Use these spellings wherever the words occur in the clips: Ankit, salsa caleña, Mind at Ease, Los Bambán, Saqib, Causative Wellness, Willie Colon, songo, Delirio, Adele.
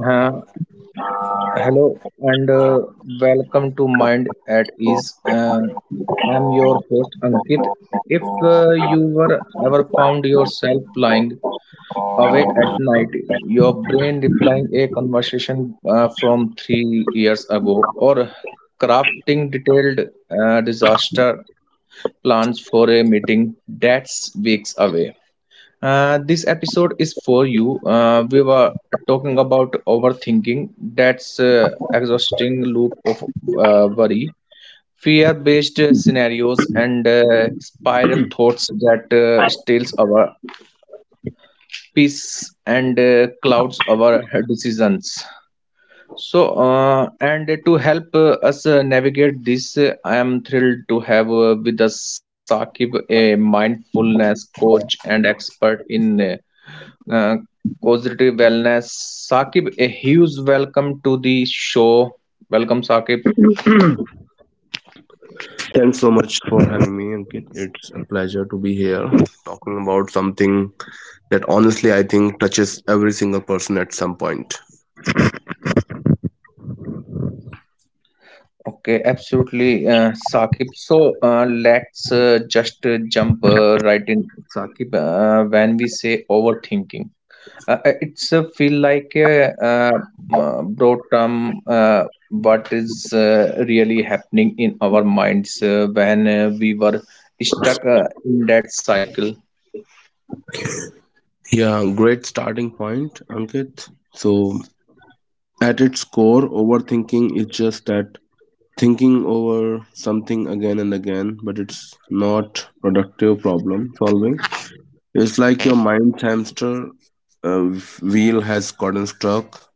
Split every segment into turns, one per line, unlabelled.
Uh, Hello and welcome to Mind at Ease. I'm your host Ankit. If you were ever found yourself lying awake at night, your brain replying a conversation from 3 years ago, or crafting detailed disaster plans for a meeting that's weeks away, this episode is for you. We were talking about overthinking. That's exhausting loop of worry, fear-based scenarios, and spiral thoughts that steals our peace and clouds our decisions. So, and to help us navigate this, I am thrilled to have with us Sakib, a mindfulness coach and expert in uh, Causative Wellness. Saqib, a huge welcome to the show. Welcome, Saqib.
Thanks so much for having me, Ankit. It's a pleasure to be here talking about something that honestly I think touches every single person at some point.
Okay, absolutely, Saqib. So let's just jump right in, Saqib. When we say overthinking, it's feel like a broad term. What is really happening in our minds when we were stuck in that cycle?
Yeah, great starting point, Ankit. So, at its core, overthinking is just that thinking over something again and again, but it's not productive problem solving. It's like your mind's hamster uh, wheel has gotten stuck.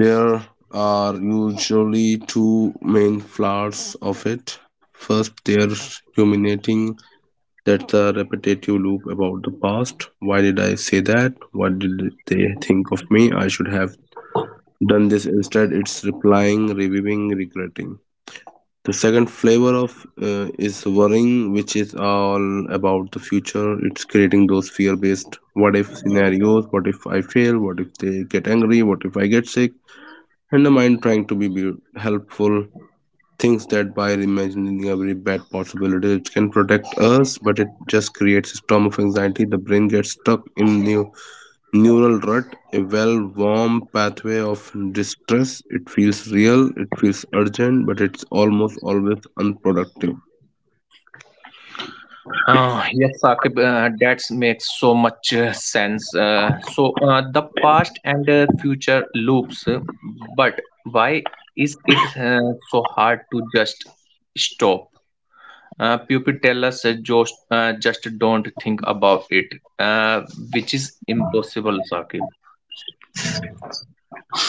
There are usually two main flaws of it. First, they're ruminating. That's a repetitive loop about the past. Why did I say that? What did they think of me? I should have done this instead. It's replying, reviewing, regretting. The second flavor of is worrying, which is all about the future. It's creating those fear-based what if scenarios. What if I fail? What if they get angry? What if I get sick? And the mind trying to be helpful thinks that by imagining every bad possibility it can protect us, but it just creates a storm of anxiety. The brain gets stuck in new neural rut, a well warm pathway of distress. It feels real, it feels urgent, but it's almost always unproductive.
Yes, Saqib, that makes so much sense. So the past and future loops, but why is it so hard to just stop? People tell us just don't think about it, which is impossible, Saqib.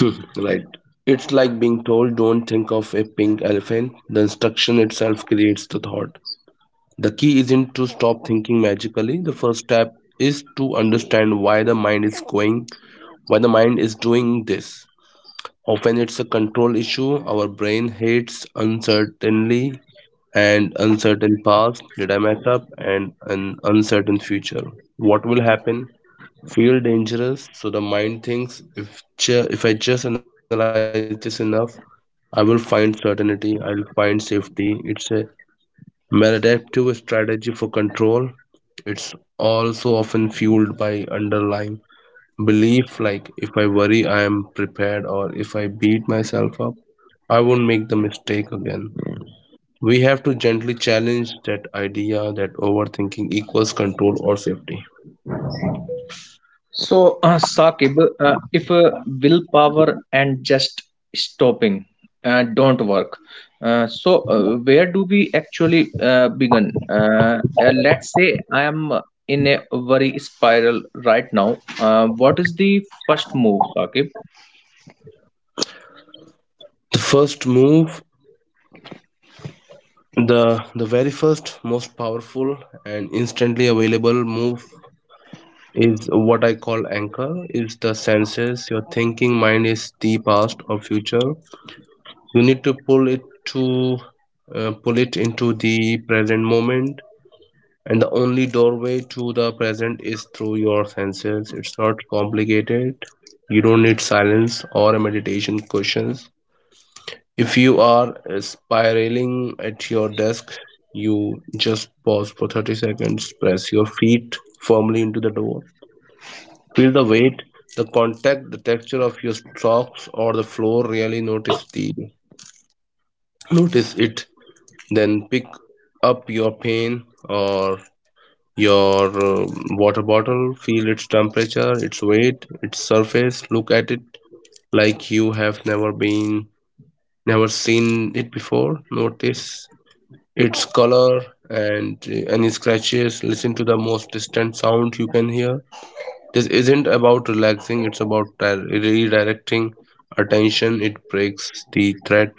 Right, it's like being told don't think of a pink elephant. The instruction itself creates the thought. The key isn't to stop thinking magically. The first step is to understand why the mind is going, why the mind is doing this. Often it's a control issue. Our brain hates uncertainty and uncertain past. Did I mess up? And an uncertain future. What will happen? Feel dangerous. So the mind thinks if if I just analyze this enough, I will find certainty. I'll find safety. It's a maladaptive strategy for control. It's also often fueled by underlying belief like if I worry I am prepared, or if I beat myself up, I won't make the mistake again. We have to gently challenge that idea that overthinking equals control or safety.
So, Saqib, if willpower and just stopping don't work, so where do we actually begin? Let's say I am in a worry spiral right now. What is the first move, Saqib?
The first move, the very first most powerful and instantly available move is what I call anchor is the senses. Your thinking mind is the past or future, you need to pull it into the present moment, and the only doorway to the present is through your senses. It's not complicated, you don't need silence or a meditation questions. If you are spiraling at your desk, you just pause for 30 seconds, press your feet firmly into the door. Feel the weight, the contact, the texture of your socks or the floor. Really notice the notice it. Then pick up your pen or your uh, water bottle. Feel its temperature, its weight, its surface. Look at it like you have never been, never seen it before. Notice its color and any scratches. Listen to the most distant sound you can hear. This isn't about relaxing, it's about redirecting attention. It breaks the threat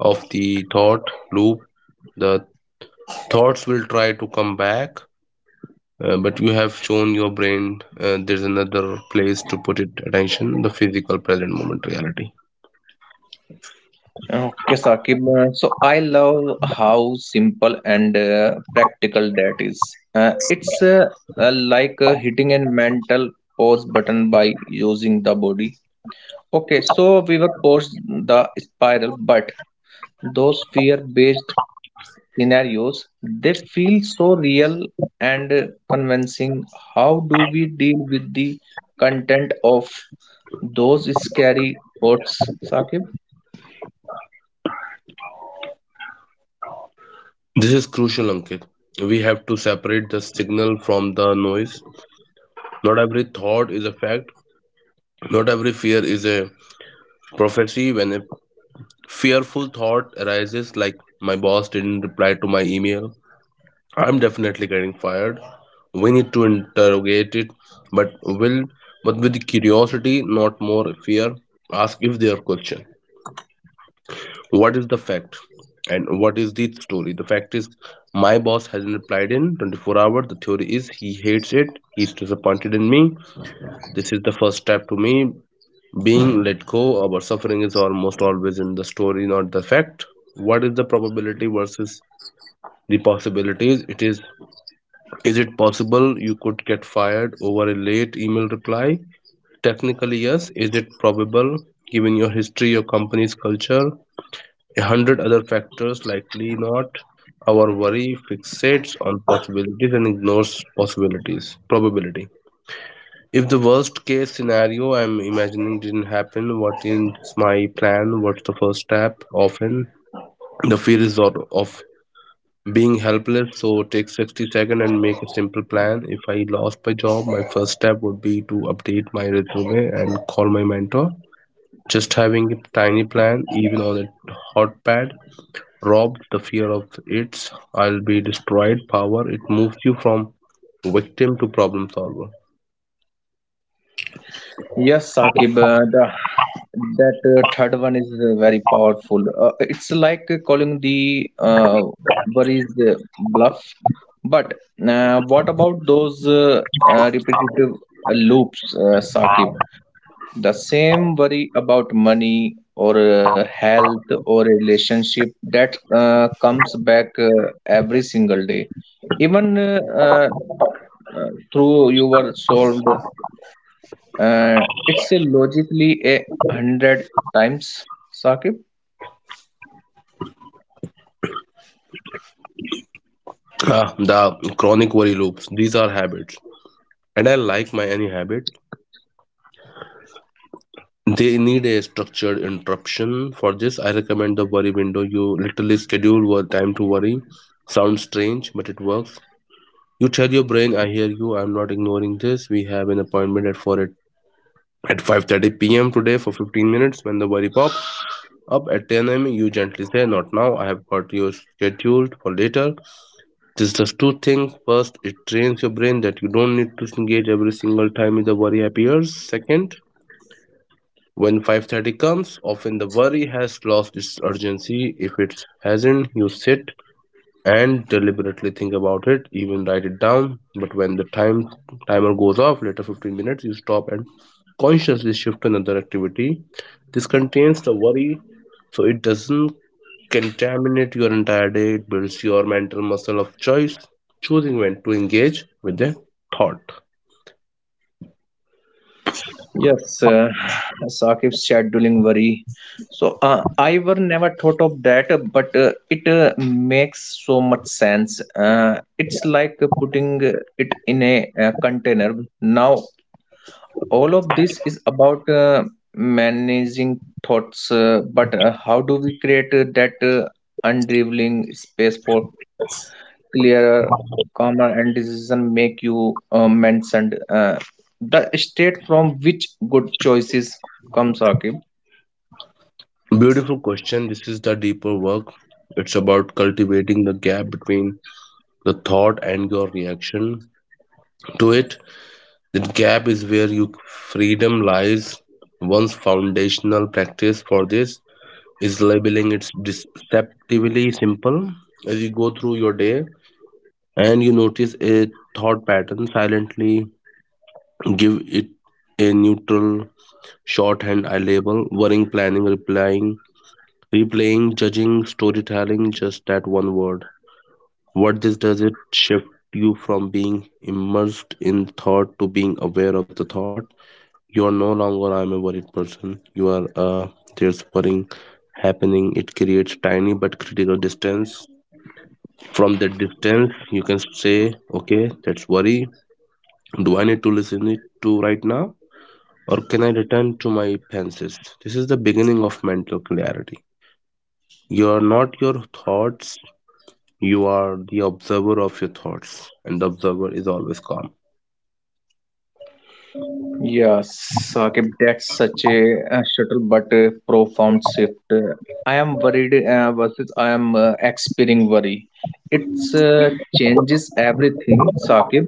of the thought loop. The thoughts will try to come back, but you have shown your brain there's another place to put it attention, the physical present moment reality.
Okay, Saqib. So I love how simple and practical that is. It's like hitting a mental pause button by using the body Okay, so we were forced the spiral, but those fear-based scenarios they feel so real and convincing. How do we deal with the content of those scary thoughts, Sakib?
This is crucial, Ankit. We have to separate the signal from the noise. Not every thought is a fact, not every fear is a prophecy. When a fearful thought arises like my boss didn't reply to my email, I'm definitely getting fired. We need to interrogate it, but will but with curiosity, not more fear. Ask if their question. What is the fact? And what is the story? The fact is my boss hasn't replied in 24 hours. The theory is he hates it. He's disappointed in me. This is the first step to me being let go. Our suffering is almost always in the story, not the fact. What is the probability versus the possibilities? It Is it possible you could get fired over a late email reply? Technically, yes. Is it probable given your history, your company's culture, a hundred other factors? Likely not. Our worry fixates on possibilities and ignores possibilities, probability. If the worst case scenario I'm imagining didn't happen, what is my plan? What's the first step? Often the fear is of being helpless, so take 60 seconds and make a simple plan. If I lost my job, my first step would be to update my resume and call my mentor. Just having a tiny plan, even on a hot pad, robs the fear of its I'll be destroyed power. It moves you from victim to problem solver.
Yes, Saqib, the, that third one is very powerful. It's like calling the worries bluff. But what about those repetitive loops, Saqib? The same worry about money or health or relationship that comes back every single day. Even through you were solved it's a logically a hundred times, Saqib.
Ah, the chronic worry loops. These are habits, and I like my any habit. They need a structured interruption. For this, I recommend the worry window. You literally schedule your time to worry. Sounds strange, but it works. You tell your brain, "I hear you. I'm not ignoring this. We have an appointment at four at 5:30 p.m. today for 15 minutes." When the worry pops up at 10 a.m., you gently say, "Not now. I have got your scheduled for later." This does two things. First, it trains your brain that you don't need to engage every single time the worry appears. Second, when 5:30 comes, often the worry has lost its urgency. If it hasn't, you sit and deliberately think about it, even write it down. But when the timer goes off later, 15 minutes, you stop and consciously shift to another activity. This contains the worry so it doesn't contaminate your entire day. It builds your mental muscle of choice, choosing when to engage with a thought.
Yes, Saqib's scheduling worry. So I were never thought of that, but it makes so much sense. It's like putting it in a container. Now all of this is about managing thoughts, but how do we create that unraveling space for clearer, calmer, and decision make you mentioned. The state from which good choices come, Saqib.
Beautiful question. This is the deeper work. It's about cultivating the gap between the thought and your reaction to it. That gap is where your freedom lies. One's foundational practice for this is labeling. It's deceptively simple. As you go through your day and you notice a thought pattern, silently give it a neutral shorthand. I label worrying, planning, replying, replaying, judging, storytelling, just that one word. What this does it shift you from being immersed in thought to being aware of the thought. You are no longer I'm a worried person. You are there's worrying happening. It creates tiny but critical distance. From that distance you can say, okay, that's worry. Do I need to listen it to right now? Or can I return to my fences? This is the beginning of mental clarity. You are not your thoughts, you are the observer of your thoughts, and the observer is always calm.
Yes, Saqib, that's such a, subtle but profound shift. I am worried versus I am experiencing worry. It's changes everything, Saqib.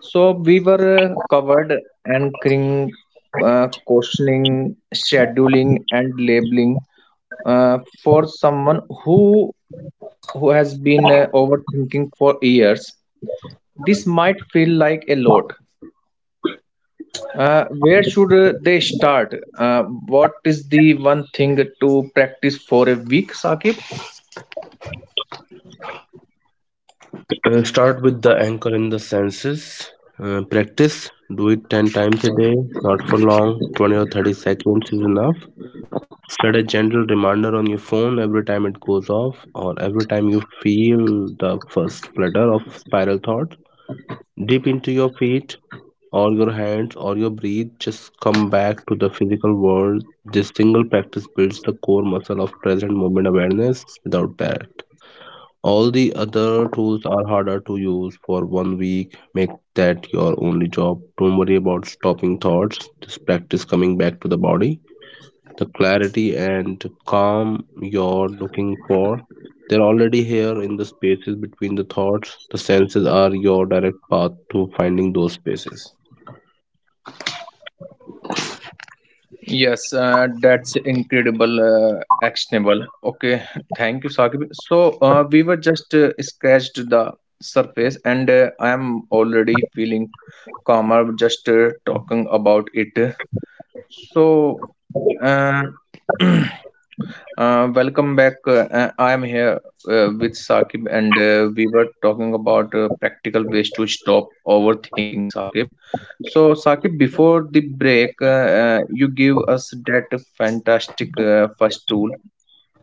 So we were covered anchoring, questioning, scheduling, and labeling. For someone who has been overthinking for years this might feel like a lot where should they start what is the one thing to practice for a week sakib
Start with the anchor in the senses. Practice, do it 10 times a day, not for long, 20 or 30 seconds is enough. Set a gentle reminder on your phone every time it goes off, or every time you feel the first flutter of spiral thought. Dip into your feet, or your hands, or your breath, just come back to the physical world. This single practice builds the core muscle of present moment awareness. Without that, all the other tools are harder to use. For 1 week, make that your only job. Don't worry about stopping thoughts, just practice coming back to the body. The clarity and calm you're looking for, they're already here in the spaces between the thoughts. The senses are your direct path to finding those spaces.
yes that's incredible actionable okay thank you sakib so we were just scratched the surface and I am already feeling calmer just talking about it So, uh, uh, welcome back. I am here with Saqib, and we were talking about practical ways to stop overthinking, Saqib. So, Saqib, before the break, you give us that fantastic first tool,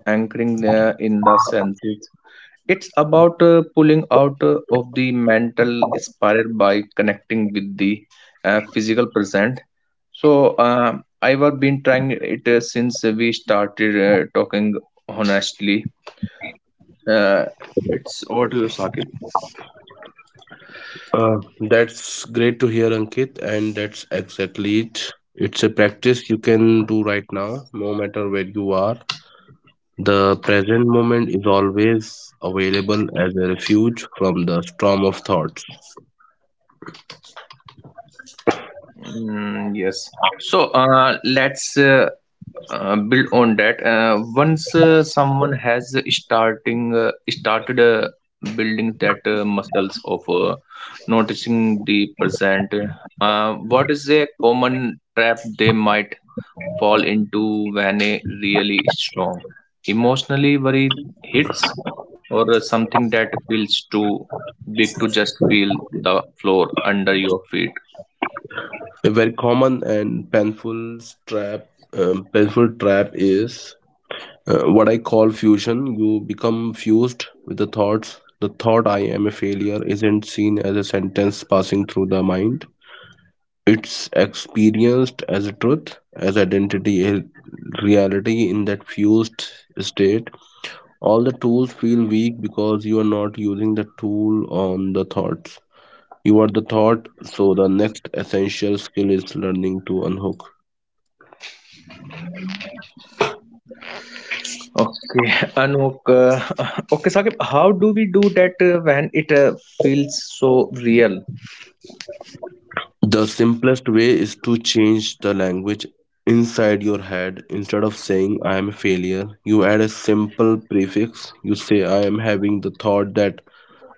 anchoring in the senses. It's about pulling out of the mental spiral by connecting with the physical present. So I've been trying it since we started talking honestly. Uh, it's over to you, Saqib.
That's great to hear, Ankit, and that's exactly it. It's a practice you can do right now, no matter where you are. The present moment is always available as a refuge from the storm of thoughts.
Mm, yes. So let's build on that once someone has starting started building that muscles of noticing the present what is a common trap they might fall into when a really strong emotionally worry hits or something that feels too big to just feel the floor under your feet
A very common and painful trap, painful trap is what I call fusion. You become fused with the thoughts. The thought "I am a failure" isn't seen as a sentence passing through the mind. It's experienced as a truth, as identity, a reality in that fused state. All the tools feel weak because you are not using the tool on the thoughts. You are the thought, so the next essential skill is learning to unhook.
Okay, Anok. Okay, Saqib, how do we do that when it feels so real?
The simplest way is to change the language inside your head. Instead of saying I am a failure, you add a simple prefix. You say I am having the thought that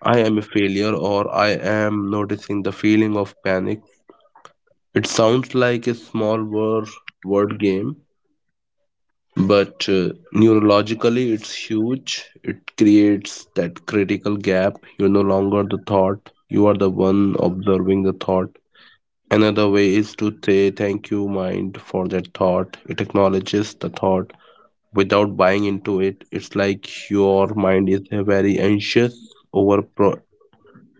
I am a failure, or I am noticing the feeling of panic. It sounds like a word game, but neurologically it's huge. It creates that critical gap. You're no longer the thought, you are the one observing the thought. Another way is to say thank you, mind, for that thought. It acknowledges the thought without buying into it. It's like your mind is a very anxious over pro-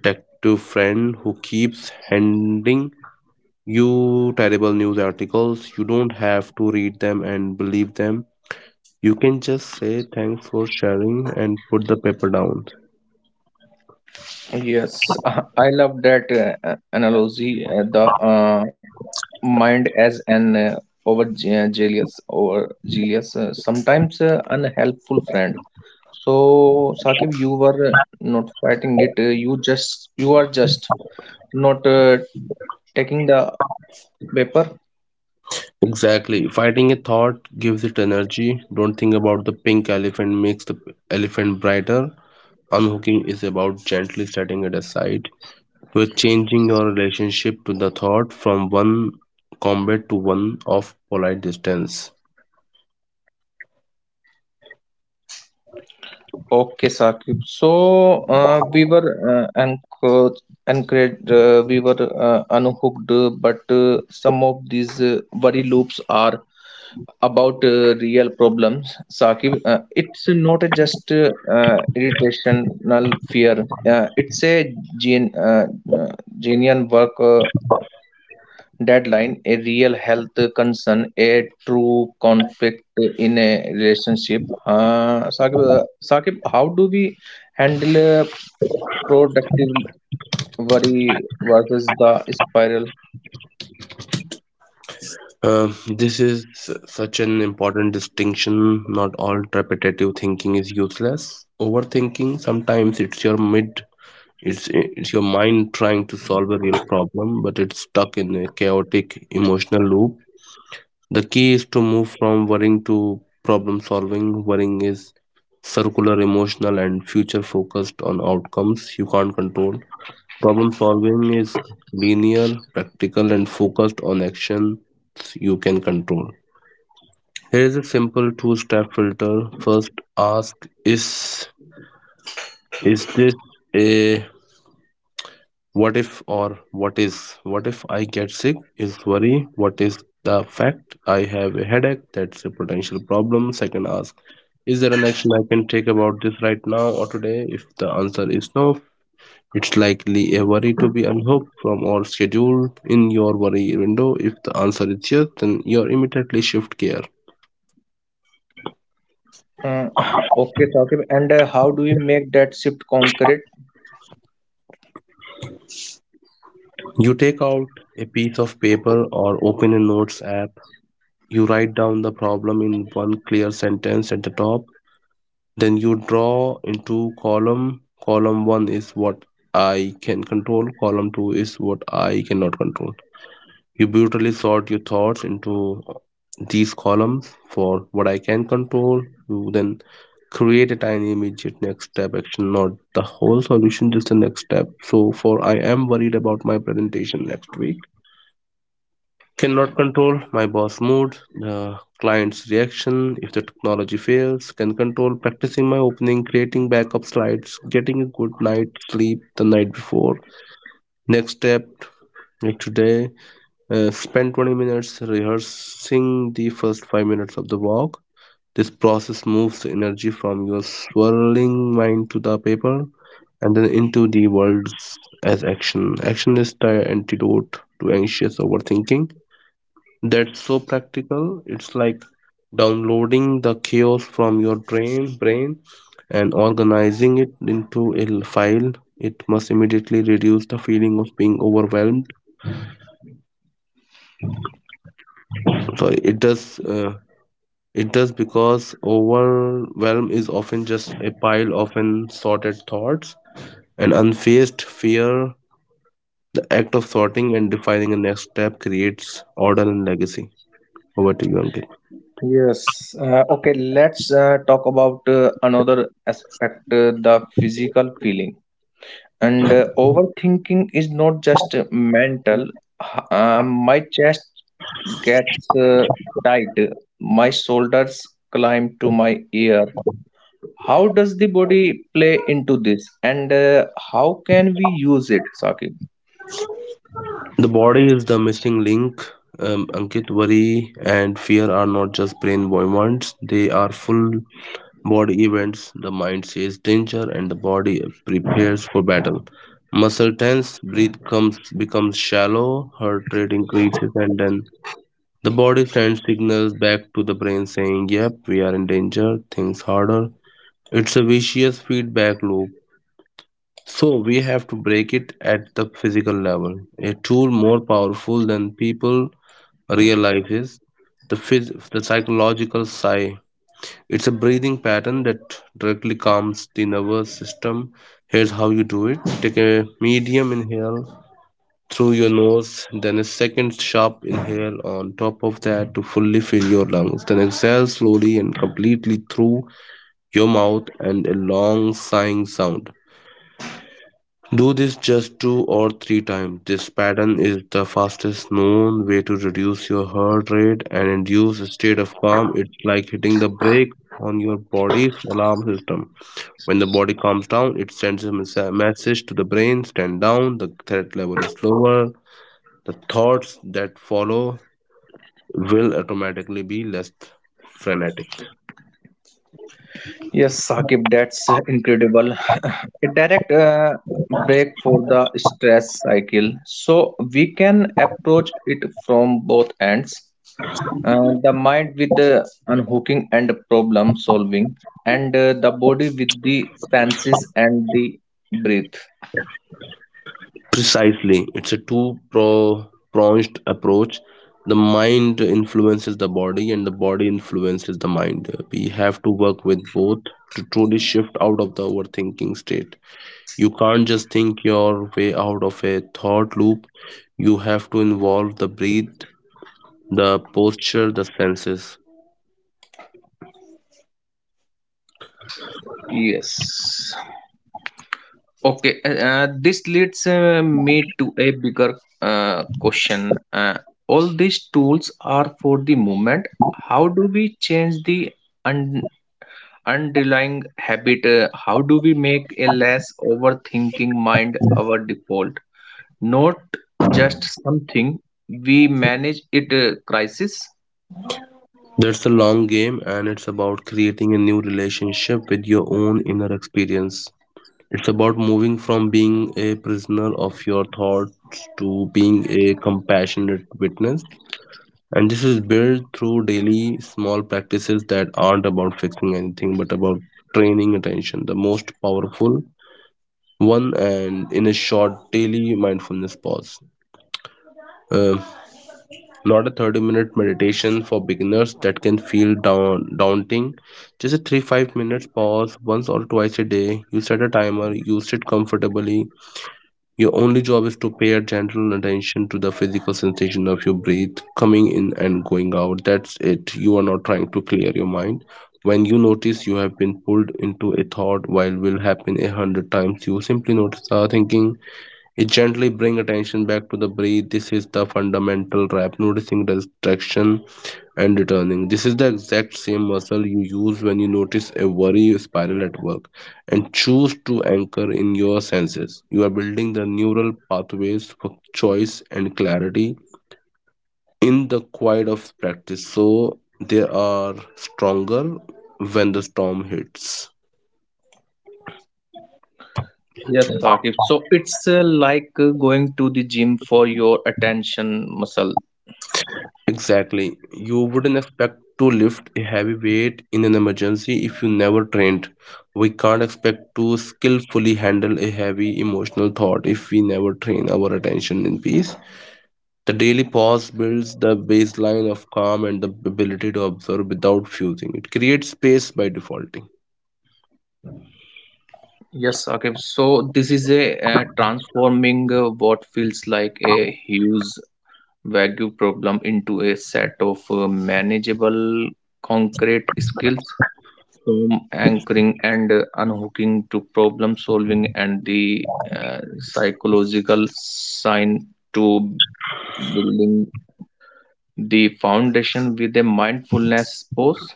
detective friend who keeps handing you terrible news articles. You don't have to read them and believe them. You can just say thanks for sharing and put the paper down.
Yes, I love that analogy. The mind as an overzealous or zealous, sometimes unhelpful friend. So, Saqib, you were not fighting it. You just you are just not taking the paper.
Exactly. Fighting a thought gives it energy. Don't think about the pink elephant makes the elephant brighter. Unhooking is about gently setting it aside. You're changing your relationship to the thought from one combat to one of polite distance.
Okay, Saqib. So we were encouraged, encouraged we were unhooked, but some of these worry loops are about real problems. Saqib, it's not a just irritational fear. It's a gen, uh, genuine work. Deadline, a real health concern, a true conflict in a relationship. Saqib, Saqib, how do we handle productive worry versus the spiral?
This is such an important distinction. Not all repetitive thinking is useless. Overthinking, sometimes it's your mind trying to solve a real problem, but it's stuck in a chaotic emotional loop. The key is to move from worrying to problem solving. Worrying is circular, emotional, and future focused on outcomes you can't control. Problem solving is linear, practical, and focused on actions you can control. Here is a simple two-step filter. First, ask, is this a what if or what is? What if I get sick is worry. What is the fact I have a headache? That's a potential problem. Second, ask, is there an action I can take about this right now or today? If the answer is no, it's likely a worry to be unhooked from or scheduled in your worry window. If the answer is yes, then you immediately shift gear.
Uh, okay, Saqib, and how do we make that shift concrete?
You take out a piece of paper or open a notes app. You write down the problem in one clear sentence at the top. Then you draw into column. Column 1 is what I can control. Column 2 is what I cannot control. You brutally sort your thoughts into these columns. For what I can control, you then create a tiny immediate next step action, not the whole solution, just the next step. So for I am worried about my presentation next week, cannot control my boss mood, the client's reaction if the technology fails. Can control practicing my opening, creating backup slides, getting a good night's sleep the night before. Next step, like today, spend 20 minutes rehearsing the first 5 minutes of the walk. This process moves the energy from your swirling mind to the paper and then into the worlds as action. Action is the antidote to anxious overthinking. That's so practical. It's like downloading the chaos from your brain and organizing it into a file. It must immediately reduce the feeling of being overwhelmed. Sorry, it does. It does because overwhelm is often just a pile of unsorted thoughts and unfaced fear. The act of sorting and defining a next step creates order and legacy. Over to you, Ankit.
Yes. Okay, let's talk about another aspect, the physical feeling. And overthinking is not just mental. H- my chest gets tight, my shoulders climb to my ear. How does the body play into this, and how can we use it, Saqib?
The body is the missing link. Ankit, worry and fear are not just brain movements, they are full body events. The mind sees danger and the body prepares for battle. Muscle tense, breath comes becomes shallow, heart rate increases, and then the body sends signals back to the brain saying, "Yep, we are in danger, things harder." It's a vicious feedback loop. So we have to break it at the physical level. A tool more powerful than people real life is the the psychological sigh. It's a breathing pattern that directly calms the nervous system. Here's how you do it: take a medium inhale through your nose, then a second sharp inhale on top of that to fully fill your lungs. Then exhale slowly and completely through your mouth and a long sighing sound. Do this just two or three times. This pattern is the fastest known way to reduce your heart rate and induce a state of calm. It's like hitting the brake on your body's alarm system. When the body calms down, it sends a message to the brain, stand down, the threat level is lower, the thoughts that follow will automatically be less frenetic.
Yes, Saqib, that's incredible. A direct break for the stress cycle, so we can approach it from both ends. The mind with the unhooking and problem solving, and the body with the senses and the breath.
Precisely, it's a pronged approach. The mind influences the body, and the body influences the mind. We have to work with both to truly shift out of the overthinking state. You can't just think your way out of a thought loop, you have to involve the breath, the posture, the senses.
Yes. Okay. This leads me to a bigger question. All these tools are for the moment. How do we change the un- underlying habit? How do we make a less overthinking mind our default? Not just something we manage it crisis.
That's a long game, and it's about creating a new relationship with your own inner experience. It's about moving from being a prisoner of your thoughts to being a compassionate witness. And this is built through daily small practices that aren't about fixing anything but about training attention. The most powerful one, and in a short daily mindfulness pause. Uh, Not a 30-minute meditation for beginners that can feel down, daunting. Just a 3 5 minutes pause once or twice a day. You set a timer, you sit comfortably. Your only job is to pay gentle attention to the physical sensation of your breath coming in and going out. That's it. You are not trying to clear your mind. When you notice you have been pulled into a thought, while will happen a hundred times, you simply notice the thinking. It gently bring attention back to the breath. This is the fundamental trap. Noticing distraction and returning. This is the exact same muscle you use when you notice a worry spiral at work and choose to anchor in your senses. You are building the neural pathways for choice and clarity in the quiet of practice, so they are stronger when the storm hits.
Yes, Saqib. So it's like going to the gym for your attention muscle.
Exactly. You wouldn't expect to lift a heavy weight in an emergency if you never trained. We can't expect to skillfully handle a heavy emotional thought if we never train our attention in peace. The daily pause builds the baseline of calm and the ability to observe without fusing. It creates space by defaulting.
Yes, Saqib. So this is a transforming what feels like a huge value problem into a set of manageable concrete skills from anchoring and unhooking to problem solving and the psychological sign to building the foundation with a mindfulness pose.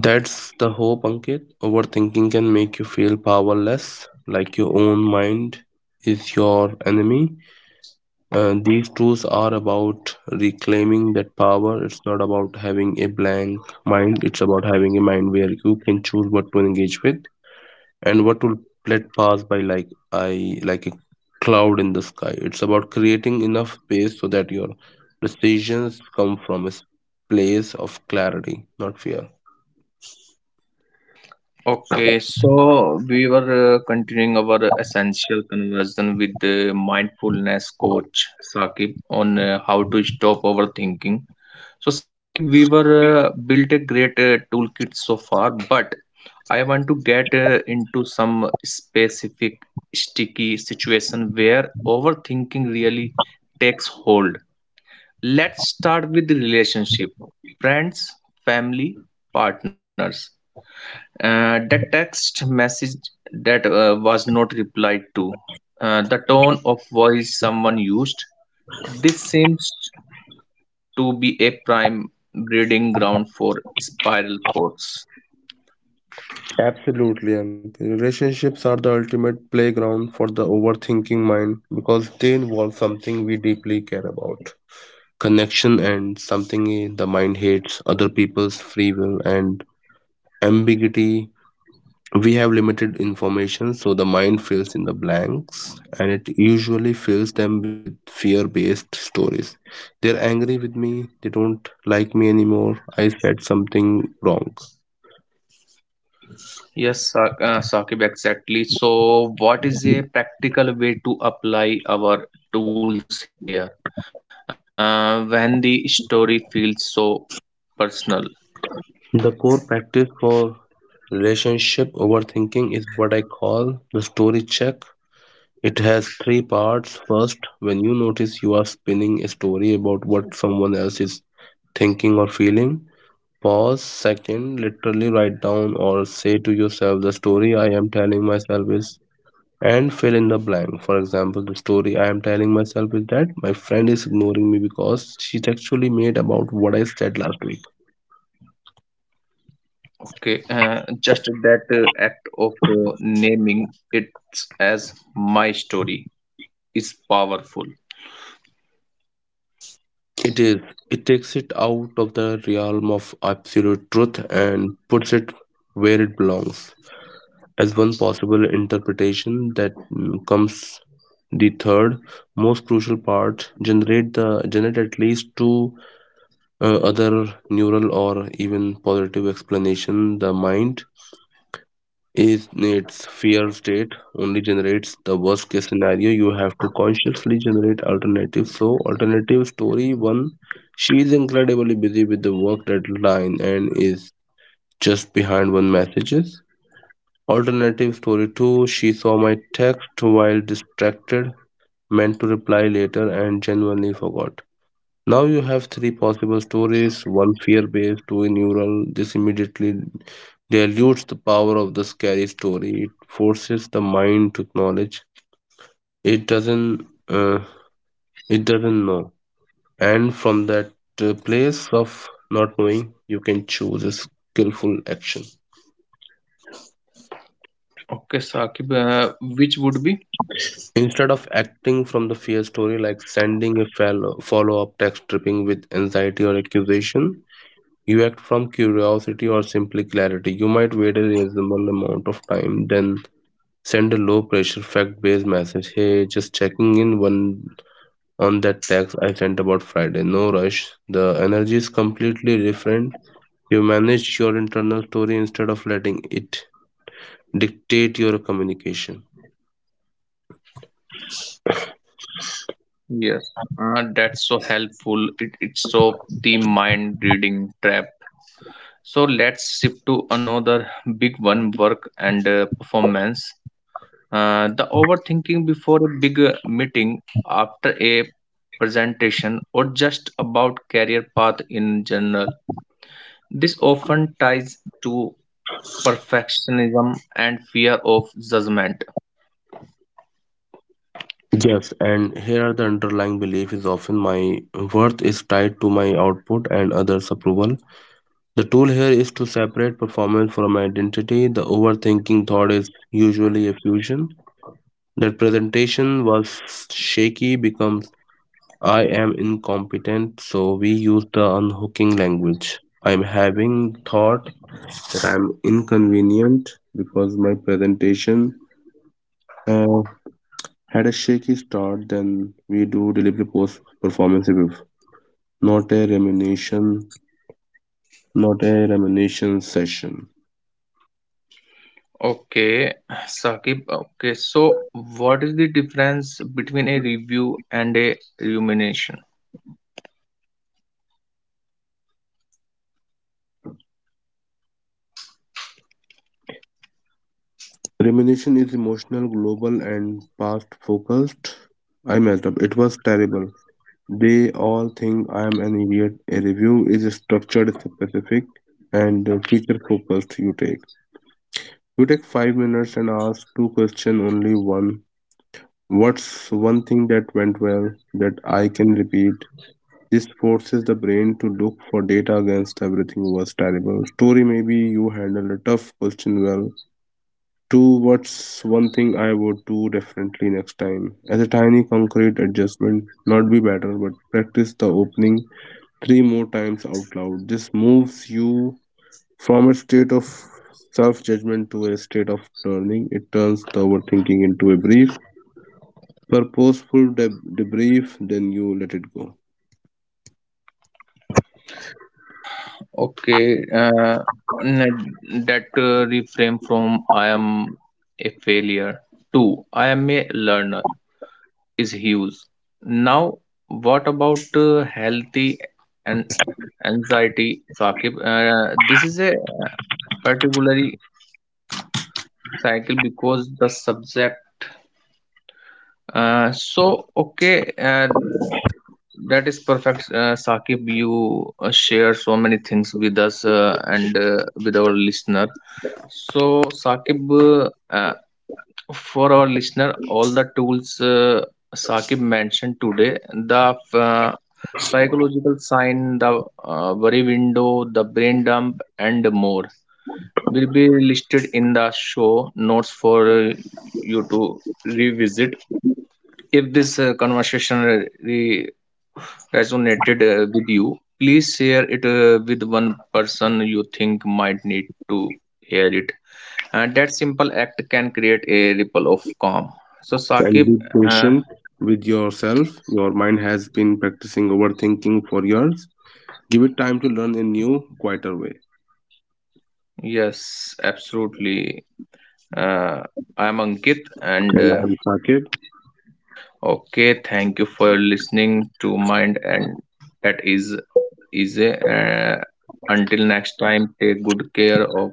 That's the hope, Ankit. Overthinking can make you feel powerless, like your own mind is your enemy. And these tools are about reclaiming that power. It's not about having a blank mind, it's about having a mind where you can choose what to engage with and what to let pass by like I like a cloud in the sky. It's about creating enough space so that your decisions come from a place of clarity, not fear.
Okay, so we were continuing our essential conversation with the mindfulness coach Sakib on how to stop overthinking. So, Sakib, we were built a great toolkit so far, but I want to get into some specific sticky situation where overthinking really takes hold Let's start with the relationship friends, family, partners. That text message that was not replied to, the tone of voice someone used. This seems to be a prime breeding ground for spiral thoughts.
Absolutely, MP. Relationships are the ultimate playground for the overthinking mind because they involve something we deeply care about, connection, and something the mind hates, other people's free will and ambiguity. We have limited information, so the mind fills in the blanks and it usually fills them with fear based stories. They're angry with me, they don't like me anymore, I said something wrong.
Yes, Sa- Saqib, exactly. So, what is a practical way to apply our tools here? When the story feels so personal,
The core practice for relationship overthinking is what I call the story check. It has three parts. First, when you notice you are spinning a story about what someone else is thinking or feeling, pause. Second, literally write down or say to yourself, the story I am telling myself is, and fill in the blank. For example, the story I am telling myself is that my friend is ignoring me because she's actually mad about what I said last week.
Okay, just that act of naming it as my story is powerful.
It is. It takes it out of the realm of absolute truth and puts it where it belongs as one possible interpretation. That mm, comes the third most crucial part. Generate at least two other neural or even positive explanation. The mind is in its fear state, only generates the worst case scenario. You have to consciously generate alternative. So alternative story one, she is incredibly busy with the work deadline and is just behind one messages. Alternative story 2, she saw my text while distracted, meant to reply later, and genuinely forgot. Now you have three possible stories, one fear based, two neural. This immediately dilutes the power of the scary story. It forces the mind to acknowledge it doesn't, uh, it doesn't know. And from that place of not knowing, you can choose a skillful action.
Okay, Saqib, which would be?
Instead of acting from the fear story, like sending a follow up text dripping with anxiety or accusation, you act from curiosity or simply clarity. You might wait a reasonable amount of time, then send a low pressure, fact based message. Hey, just checking in one on that text I sent about Friday. No rush. The energy is completely different. You manage your internal story instead of letting it dictate your communication.
Yes, that's so helpful. It, it's so the mind reading trap. So let's shift to another big one work and performance. The overthinking before a big meeting, after a presentation, or just about career path in general This often ties to perfectionism and fear of judgment.
Yes, and here are the underlying belief is often, my worth is tied to my output and others' approval. The tool here is to separate performance from identity. The overthinking thought is usually a fusion. That presentation was shaky becomes I am incompetent, so we use the unhooking language. I'm having thought that I'm inconvenient because my presentation uh, had a shaky start. Then we do delivery post performance review. Not a rumination, not a rumination session.
Okay, Sakib. Okay, so what is the difference between a review and a rumination?
Rumination is emotional, global, and past focused. I messed up. It was terrible. They all think I am an idiot. A review is structured, specific, and future focused. You take 5 minutes and ask two questions, only one. What's one thing that went well that I can repeat? This forces the brain to look for data against everything was terrible. Story maybe you handled a tough question well. Two, what's one thing I would do differently next time? As a tiny concrete adjustment, not be better, but practice the opening three more times out loud. This moves you from a state of self judgment to a state of learning. It turns the overthinking into a brief, purposeful debrief, then you let it go.
Okay, n- that reframe from I am a failure to I am a learner. Is huge. Now, what about healthy and anxiety, Saqib? This is a particularly cycle because the subject. So, okay, that is perfect, Saqib. You share so many things with us and with our listener. So, Saqib, for our listener, all the tools Saqib mentioned today, the psychological sign, the worry window, the brain dump, and more will be listed in the show notes for you to revisit. If this conversation re- re- resonated with you, please share it with one person you think might need to hear it and that simple act can create a ripple of calm so
And be
Saqib, uh,
patient with yourself. Your mind has been practicing overthinking for years. Give it time to learn a new, quieter way.
yes absolutely uh, I am ankit and
And I am Saqib.
okay thank you for listening to mind and that is easy until next time take good care of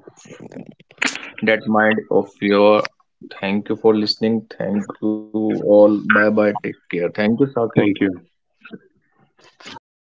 that mind of your thank you for listening thank you all bye bye take care thank you Saqib.
Thank you.